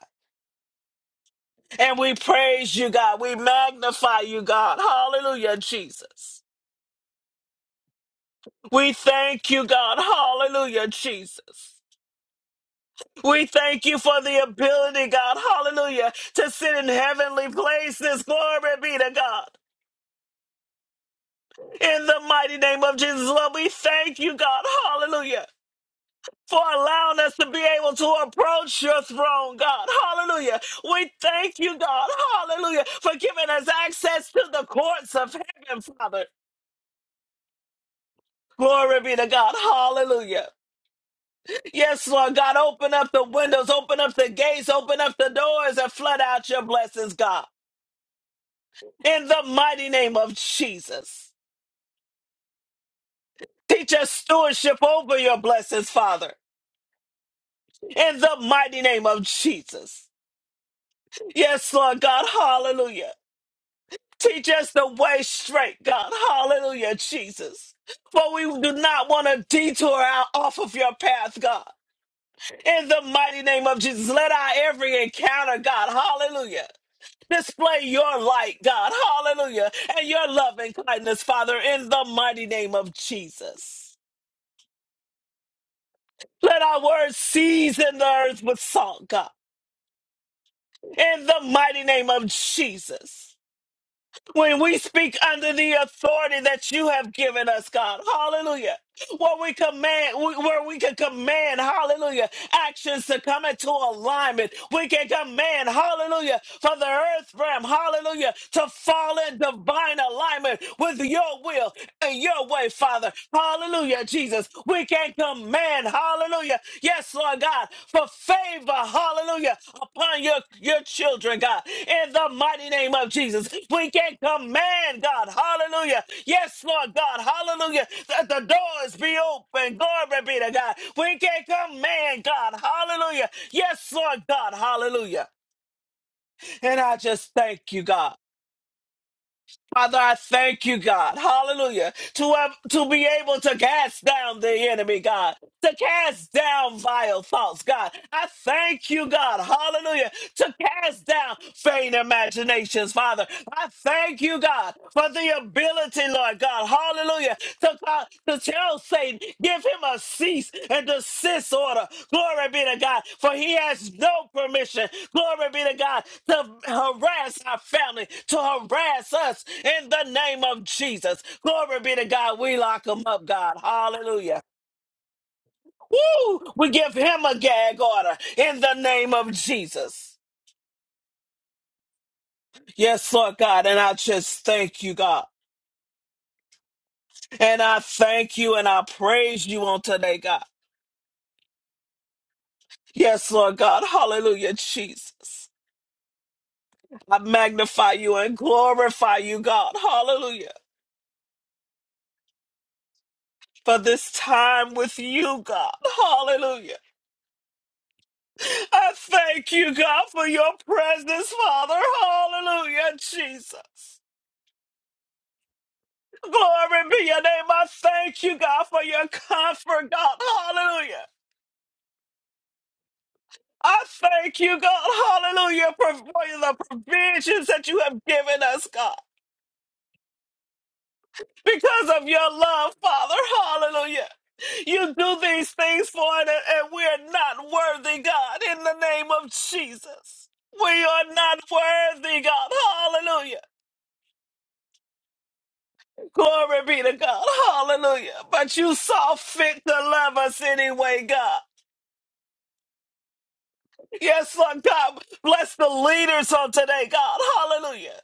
[SPEAKER 2] And we praise you, God. We magnify you, God. Hallelujah, Jesus. We thank you, God. Hallelujah, Jesus. We thank you for the ability, God. Hallelujah, to sit in heavenly places. Glory be to God. In the mighty name of Jesus, Lord, we thank you, God. Hallelujah. For allowing us to be able to approach your throne, God. Hallelujah. We thank you, God. Hallelujah. For giving us access to the courts of heaven, Father. Glory be to God. Hallelujah. Yes, Lord God, open up the windows, open up the gates, open up the doors, and flood out your blessings, God. In the mighty name of Jesus. Teach us stewardship over your blessings, Father. In the mighty name of Jesus. Yes, Lord God. Hallelujah. Teach us the way straight, God. Hallelujah, Jesus. For we do not want to detour out off of your path, God. In the mighty name of Jesus, let our every encounter, God, hallelujah, display your light, God, hallelujah, and your love and kindness, Father, in the mighty name of Jesus. Let our words season the earth with salt, God, in the mighty name of Jesus. when we speak under the authority that you have given us, God. Hallelujah. Where we command, where we can command, hallelujah, actions to come into alignment. We can command, hallelujah, for the earth realm, hallelujah, to fall in divine alignment with your will and your way, Father. Hallelujah, Jesus. We we can command, hallelujah. Yes, Lord God, for favor, hallelujah, upon your, your children, God, in the mighty name of Jesus. We can command, God, hallelujah. Yes, Lord God, hallelujah, that the doors be open, glory be to God. We can command, God, hallelujah. Yes, Lord God, hallelujah. And I just thank you, God. Father, I thank you, God, hallelujah, to, have, to be able to cast down the enemy, God to cast down vile thoughts, God. I thank you, God. Hallelujah. To cast down vain imaginations, Father. I thank you, God, for the ability, Lord God. Hallelujah. To, call, to tell Satan, give him a cease and desist order. Glory be to God, for he has no permission. Glory be to God to harass our family, to harass us in the name of Jesus. Glory be to God. We lock him up, God. Hallelujah. Woo! We give him a gag order in the name of Jesus. Yes, Lord God. And I just thank you, God. And I thank you and I praise you on today, God. Yes, Lord God. Hallelujah, Jesus. I magnify you and glorify you, God. Hallelujah. For this time with you, God. Hallelujah. I thank you, God, for your presence, Father. Hallelujah, Jesus. Glory be your name. I thank you, God, for your comfort, God. Hallelujah. I thank you, God. Hallelujah. For for the provisions that you have given us, God. Because of your love, Father. Hallelujah. You do these things for us, and and we are not worthy, God, in the name of Jesus. We are not worthy, God. Hallelujah. Glory be to God. Hallelujah. But you saw fit to love us anyway, God. Yes, Lord God, bless the leaders on today, God. Hallelujah.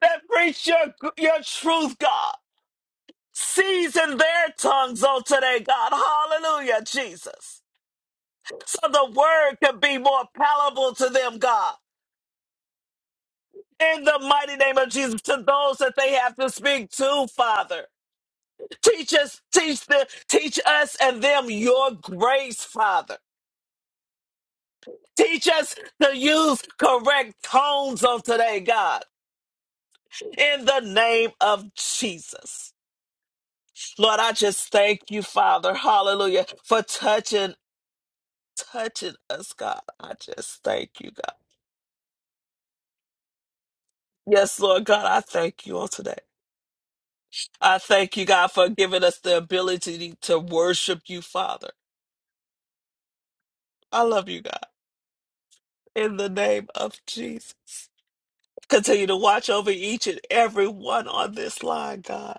[SPEAKER 2] That preach your, your truth, God. Season their tongues on today, God. Hallelujah, Jesus. So the word can be more palatable to them, God. In the mighty name of Jesus, to those that they have to speak to, Father. Teach us, teach the, teach us and them your grace, Father. Teach us to use correct tones on today, God. in the name of Jesus. Lord, I just thank you, Father, hallelujah, for touching, touching us, God. I just thank you, God. Yes, Lord God, I thank you all today. I thank you, God, for giving us the ability to worship you, Father. I love you, God, in the name of Jesus. Continue to watch over each and every one on this line, God.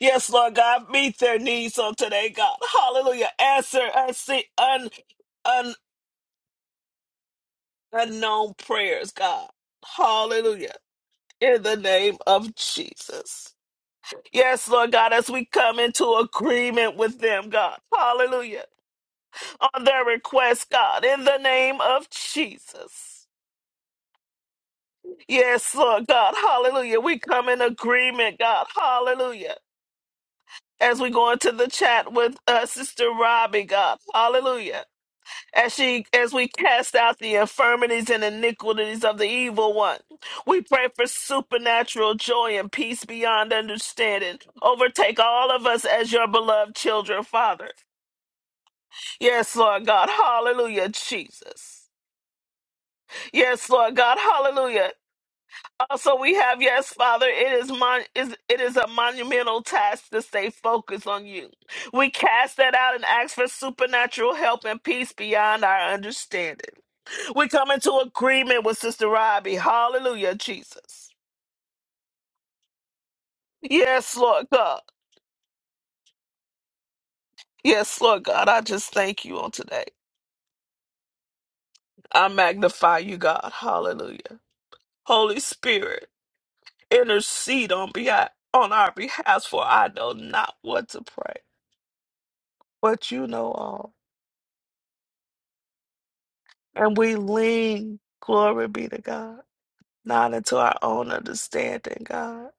[SPEAKER 2] Yes, Lord God, meet their needs on today, God. Hallelujah. Answer unseen, un, unknown prayers, God. Hallelujah. In the name of Jesus. Yes, Lord God, as we come into agreement with them, God. Hallelujah. On their request, God, in the name of Jesus. Yes, Lord God. Hallelujah. We come in agreement, God. Hallelujah. As we go into the chat with uh, Sister Robbie, God. Hallelujah as she as we cast out the infirmities and iniquities of the evil one. We pray for supernatural joy and peace beyond understanding. Overtake all of us as your beloved children, Father. Yes, Lord God. Hallelujah, Jesus. Yes, Lord God. Hallelujah. Also, we have yes, Father. It is mon- is it is a monumental task to stay focused on you. We cast that out and ask for supernatural help and peace beyond our understanding. We come into agreement with Sister Robbie. Hallelujah, Jesus. Yes, Lord God. Yes, Lord God. I just thank you on today. I magnify you, God. Hallelujah. Holy Spirit, intercede on behalf on our behalf, for I know not what to pray, but you know all. And we lean, glory be to God, not into our own understanding, God,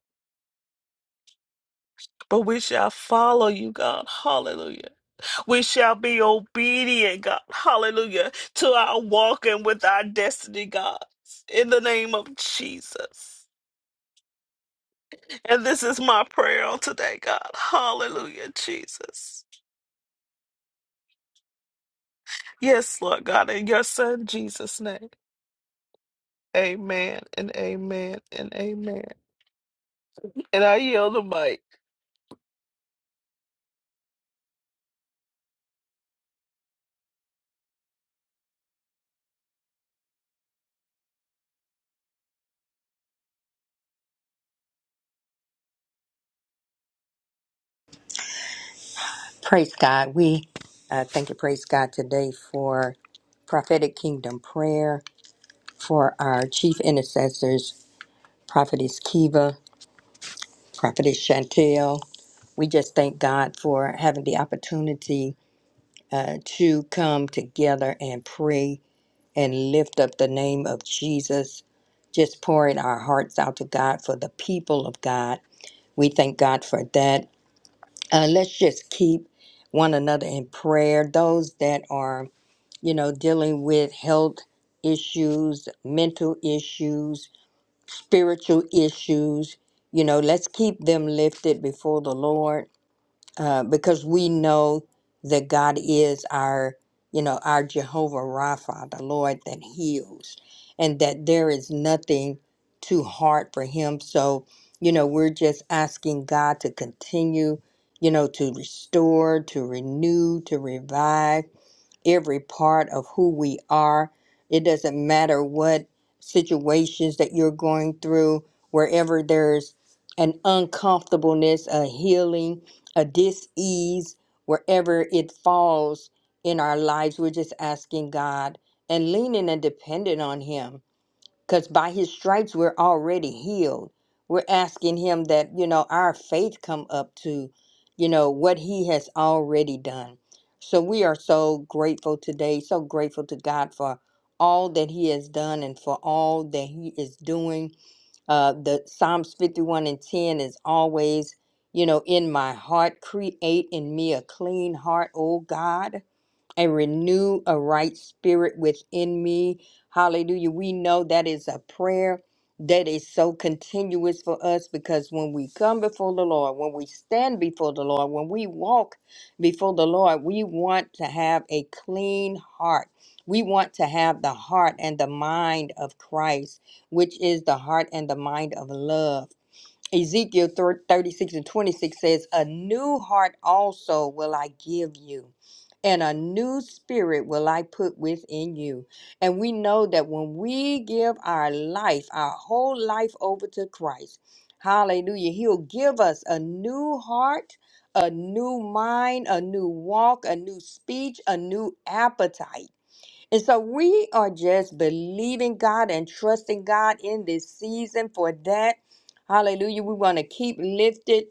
[SPEAKER 2] but we shall follow you, God. Hallelujah We shall be obedient, God. Hallelujah. To our walking with our destiny, God. In the name of Jesus. And this is my prayer on today, God. Hallelujah, Jesus. Yes, Lord God. In your son, Jesus' name. Amen and amen and amen. And I yield the mic.
[SPEAKER 3] Praise God. We uh, thank you, praise God, today for prophetic kingdom prayer for our chief intercessors, Prophetess Kiva, Prophetess Chantel. We just thank God for having the opportunity uh, to come together and pray and lift up the name of Jesus, just pouring our hearts out to God for the people of God. We thank God for that. Uh, let's just keep one another in prayer. Those that are you know, dealing with health issues, mental issues, spiritual issues. You know, let's keep them lifted before the Lord uh, because we know that God is our, you know, our Jehovah Rapha, the Lord that heals, and that there is nothing too hard for Him. So, you know, we're just asking God to continue, you know, to restore, to renew, to revive every part of who we are. It doesn't matter what situations that you're going through, wherever there's an uncomfortableness, a healing, a dis-ease, wherever it falls in our lives, we're just asking God and leaning and dependent on Him because by his stripes we're already healed we're asking him that you know our faith come up to you know what he has already done so we are so grateful today so grateful to god for all that he has done and for all that he is doing uh the psalms 51 and 10 is always you know in my heart create in me a clean heart O god and renew a right spirit within me. Hallelujah. We know that is a prayer that is so continuous for us because when we come before the Lord, when we stand before the Lord, when we walk before the Lord, we want to have a clean heart. We want to have the heart and the mind of Christ, which is the heart and the mind of love. Ezekiel 36 and 26 says, A new heart also will I give you, and a new spirit will I put within you. And we know that when we give our life, our whole life over to Christ, hallelujah, He'll give us a new heart, a new mind, a new walk, a new speech, a new appetite. And so we are just believing God and trusting God in this season for that. Hallelujah. We want to keep lifted.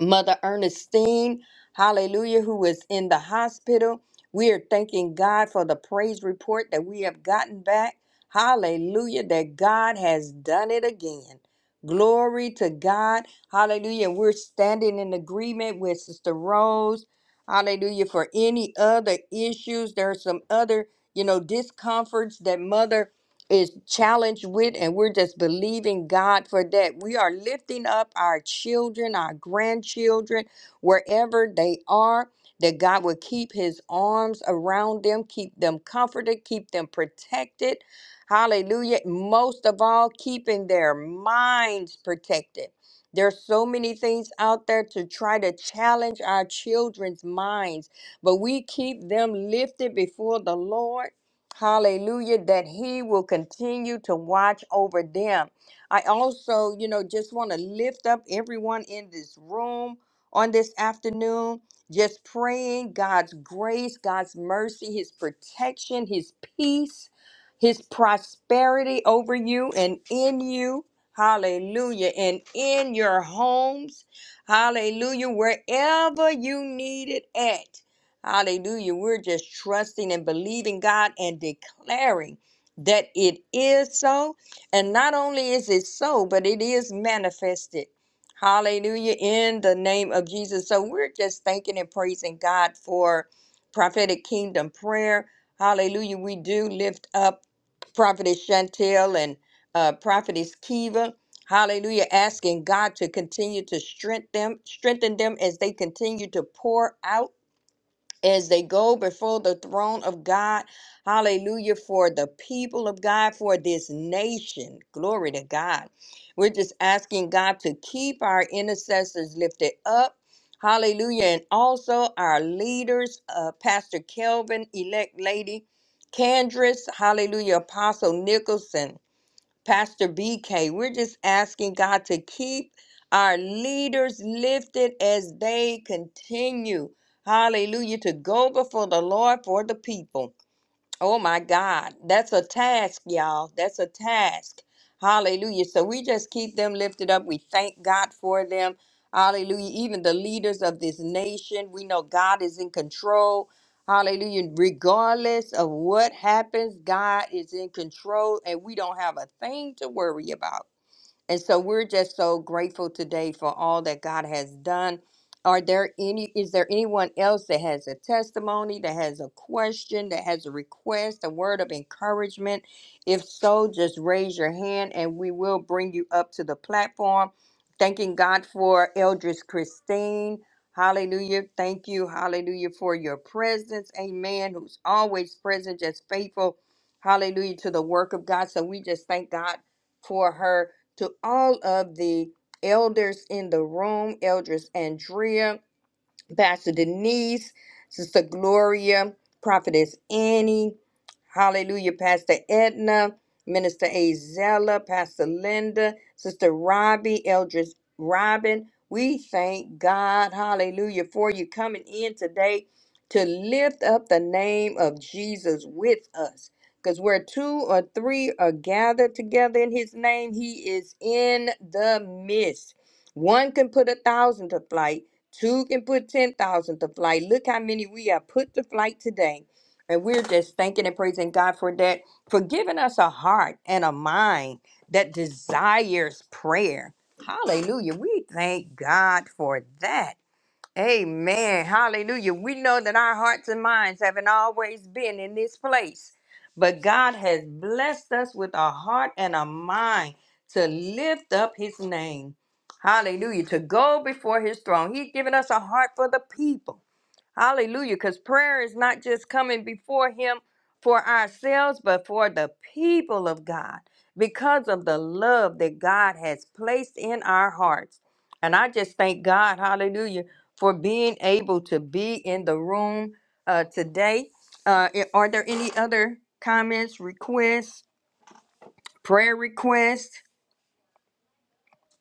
[SPEAKER 3] Mother Ernestine, hallelujah, who is in the hospital. We are thanking God for the praise report that we have gotten back. Hallelujah, that God has done it again. Glory to God. Hallelujah. We're standing in agreement with Sister Rose. Hallelujah. For any other issues, there are some other, you know, discomforts that Mother is challenged with, and we're just believing God for that. We are lifting up our children, our grandchildren, wherever they are, that God will keep his arms around them, keep them comforted, keep them protected. Hallelujah. Most of all, keeping their minds protected. There's so many things out there to try to challenge our children's minds, but we keep them lifted before the Lord Hallelujah, that he will continue to watch over them. I also, you know, just want to lift up everyone in this room on this afternoon, just praying God's grace, God's mercy, his protection, his peace, his prosperity over you and in you. Hallelujah. And in your homes. Hallelujah. Wherever you need it at. Hallelujah. We're just trusting and believing God and declaring that it is so. And not only is it so, but it is manifested. Hallelujah. In the name of Jesus. So we're just thanking and praising God for prophetic kingdom prayer. Hallelujah. We do lift up Prophetess Chantel and uh, Prophetess Kiva. Hallelujah. Asking God to continue to strengthen them, strengthen them as they continue to pour out as they go before the throne of God. Hallelujah for the people of God, for this nation. Glory to God. We're just asking God to keep our intercessors lifted up. Hallelujah. And also our leaders, uh, Pastor Kelvin, elect lady Candris, hallelujah, Apostle Nicholson. Pastor BK. We're just asking God to keep our leaders lifted as they continue, hallelujah, to go before the Lord for the people. Oh my God. That's a task, y'all. That's a task. Hallelujah. So we just keep them lifted up. We thank God for them. Hallelujah. Even the leaders of this nation, we know God is in control. Hallelujah. Regardless of what happens, God is in control and we don't have a thing to worry about. And so we're just so grateful today for all that God has done. Are there any is there anyone else that has a testimony, that has a question, that has a request, a word of encouragement? If so, just raise your hand and we will bring you up to the platform. Thanking God for Eldris Christine. Hallelujah. Thank you. Hallelujah for your presence. Amen. Who's always present, just faithful. Hallelujah to the work of God. So we just thank God for her to all of the elders in the room, Elders Andrea, Pastor Denise, Sister Gloria, Prophetess Annie, Hallelujah, Pastor Edna, Minister Azella, Pastor Linda, Sister Robbie, Eldris Robin. We thank God, hallelujah, for you coming in today to lift up the name of Jesus with us. Because where two or three are gathered together in his name, he is in the midst. One can put a thousand to flight Two can put 10,000 to flight. Look how many we have put to flight today. And we're just thanking and praising God for that, for giving us a heart and a mind that desires prayer. Hallelujah. We thank God for that. Amen. Hallelujah. We know that our hearts and minds haven't always been in this place, but God has blessed us with a heart and a mind to lift up his name. Hallelujah. To go before his throne. He's given us a heart for the people. Hallelujah. Because prayer is not just coming before Him for ourselves, but for the people of God because of the love that God has placed in our hearts. And I just thank God, hallelujah, for being able to be in the room uh, today. Uh, i- are there any other comments, requests, prayer requests?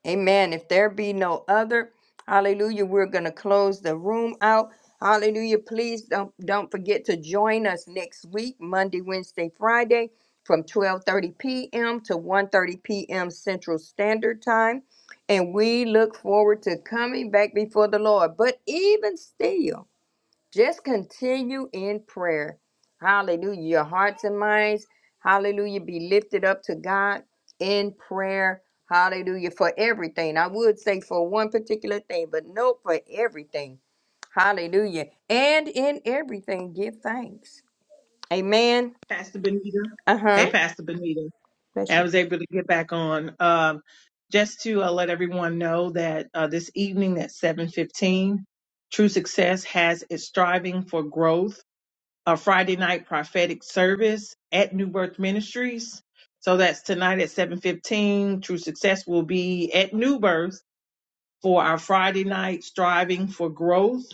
[SPEAKER 3] Amen. If there be no other, hallelujah, we're going to close the room out. Hallelujah. Please don't don't forget to join us next week, Monday, Wednesday, Friday from 12:30 p.m. to one thirty p.m. Central Standard Time, and we look forward to coming back before the Lord. But even still, just continue in prayer. Hallelujah. Your hearts and minds, hallelujah, be lifted up to God in prayer. Hallelujah. For everything. I would say for one particular thing, but no, for everything. Hallelujah. And in everything, give thanks. Amen.
[SPEAKER 1] Pastor Benita.
[SPEAKER 3] Uh huh.
[SPEAKER 1] Hey, Pastor Benita.
[SPEAKER 3] Bless
[SPEAKER 1] I
[SPEAKER 3] you.
[SPEAKER 1] was able to get back on. Um, just to uh, let everyone know that uh, this evening at 7:15, True Success has its Striving for Growth, a Friday night prophetic service at New Birth Ministries. So that's tonight at 7:15. True Success will be at New Birth for our Friday night Striving for Growth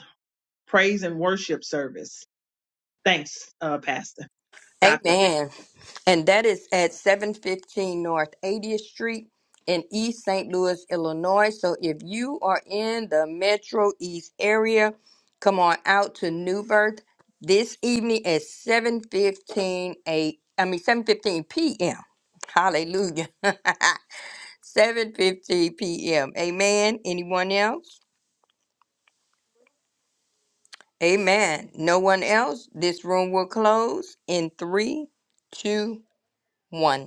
[SPEAKER 1] praise and worship service. Thanks, uh, Pastor Doctor.
[SPEAKER 3] Amen. And that is at 715 North 80th Street in East St. Louis, Illinois. So if you are in the Metro East area, come on out to New Birth this evening at 715 a I mean 715 p.m. Hallelujah. [LAUGHS] 715 p.m. Amen. Anyone else? Amen. No one else? This room will close in three, two, one.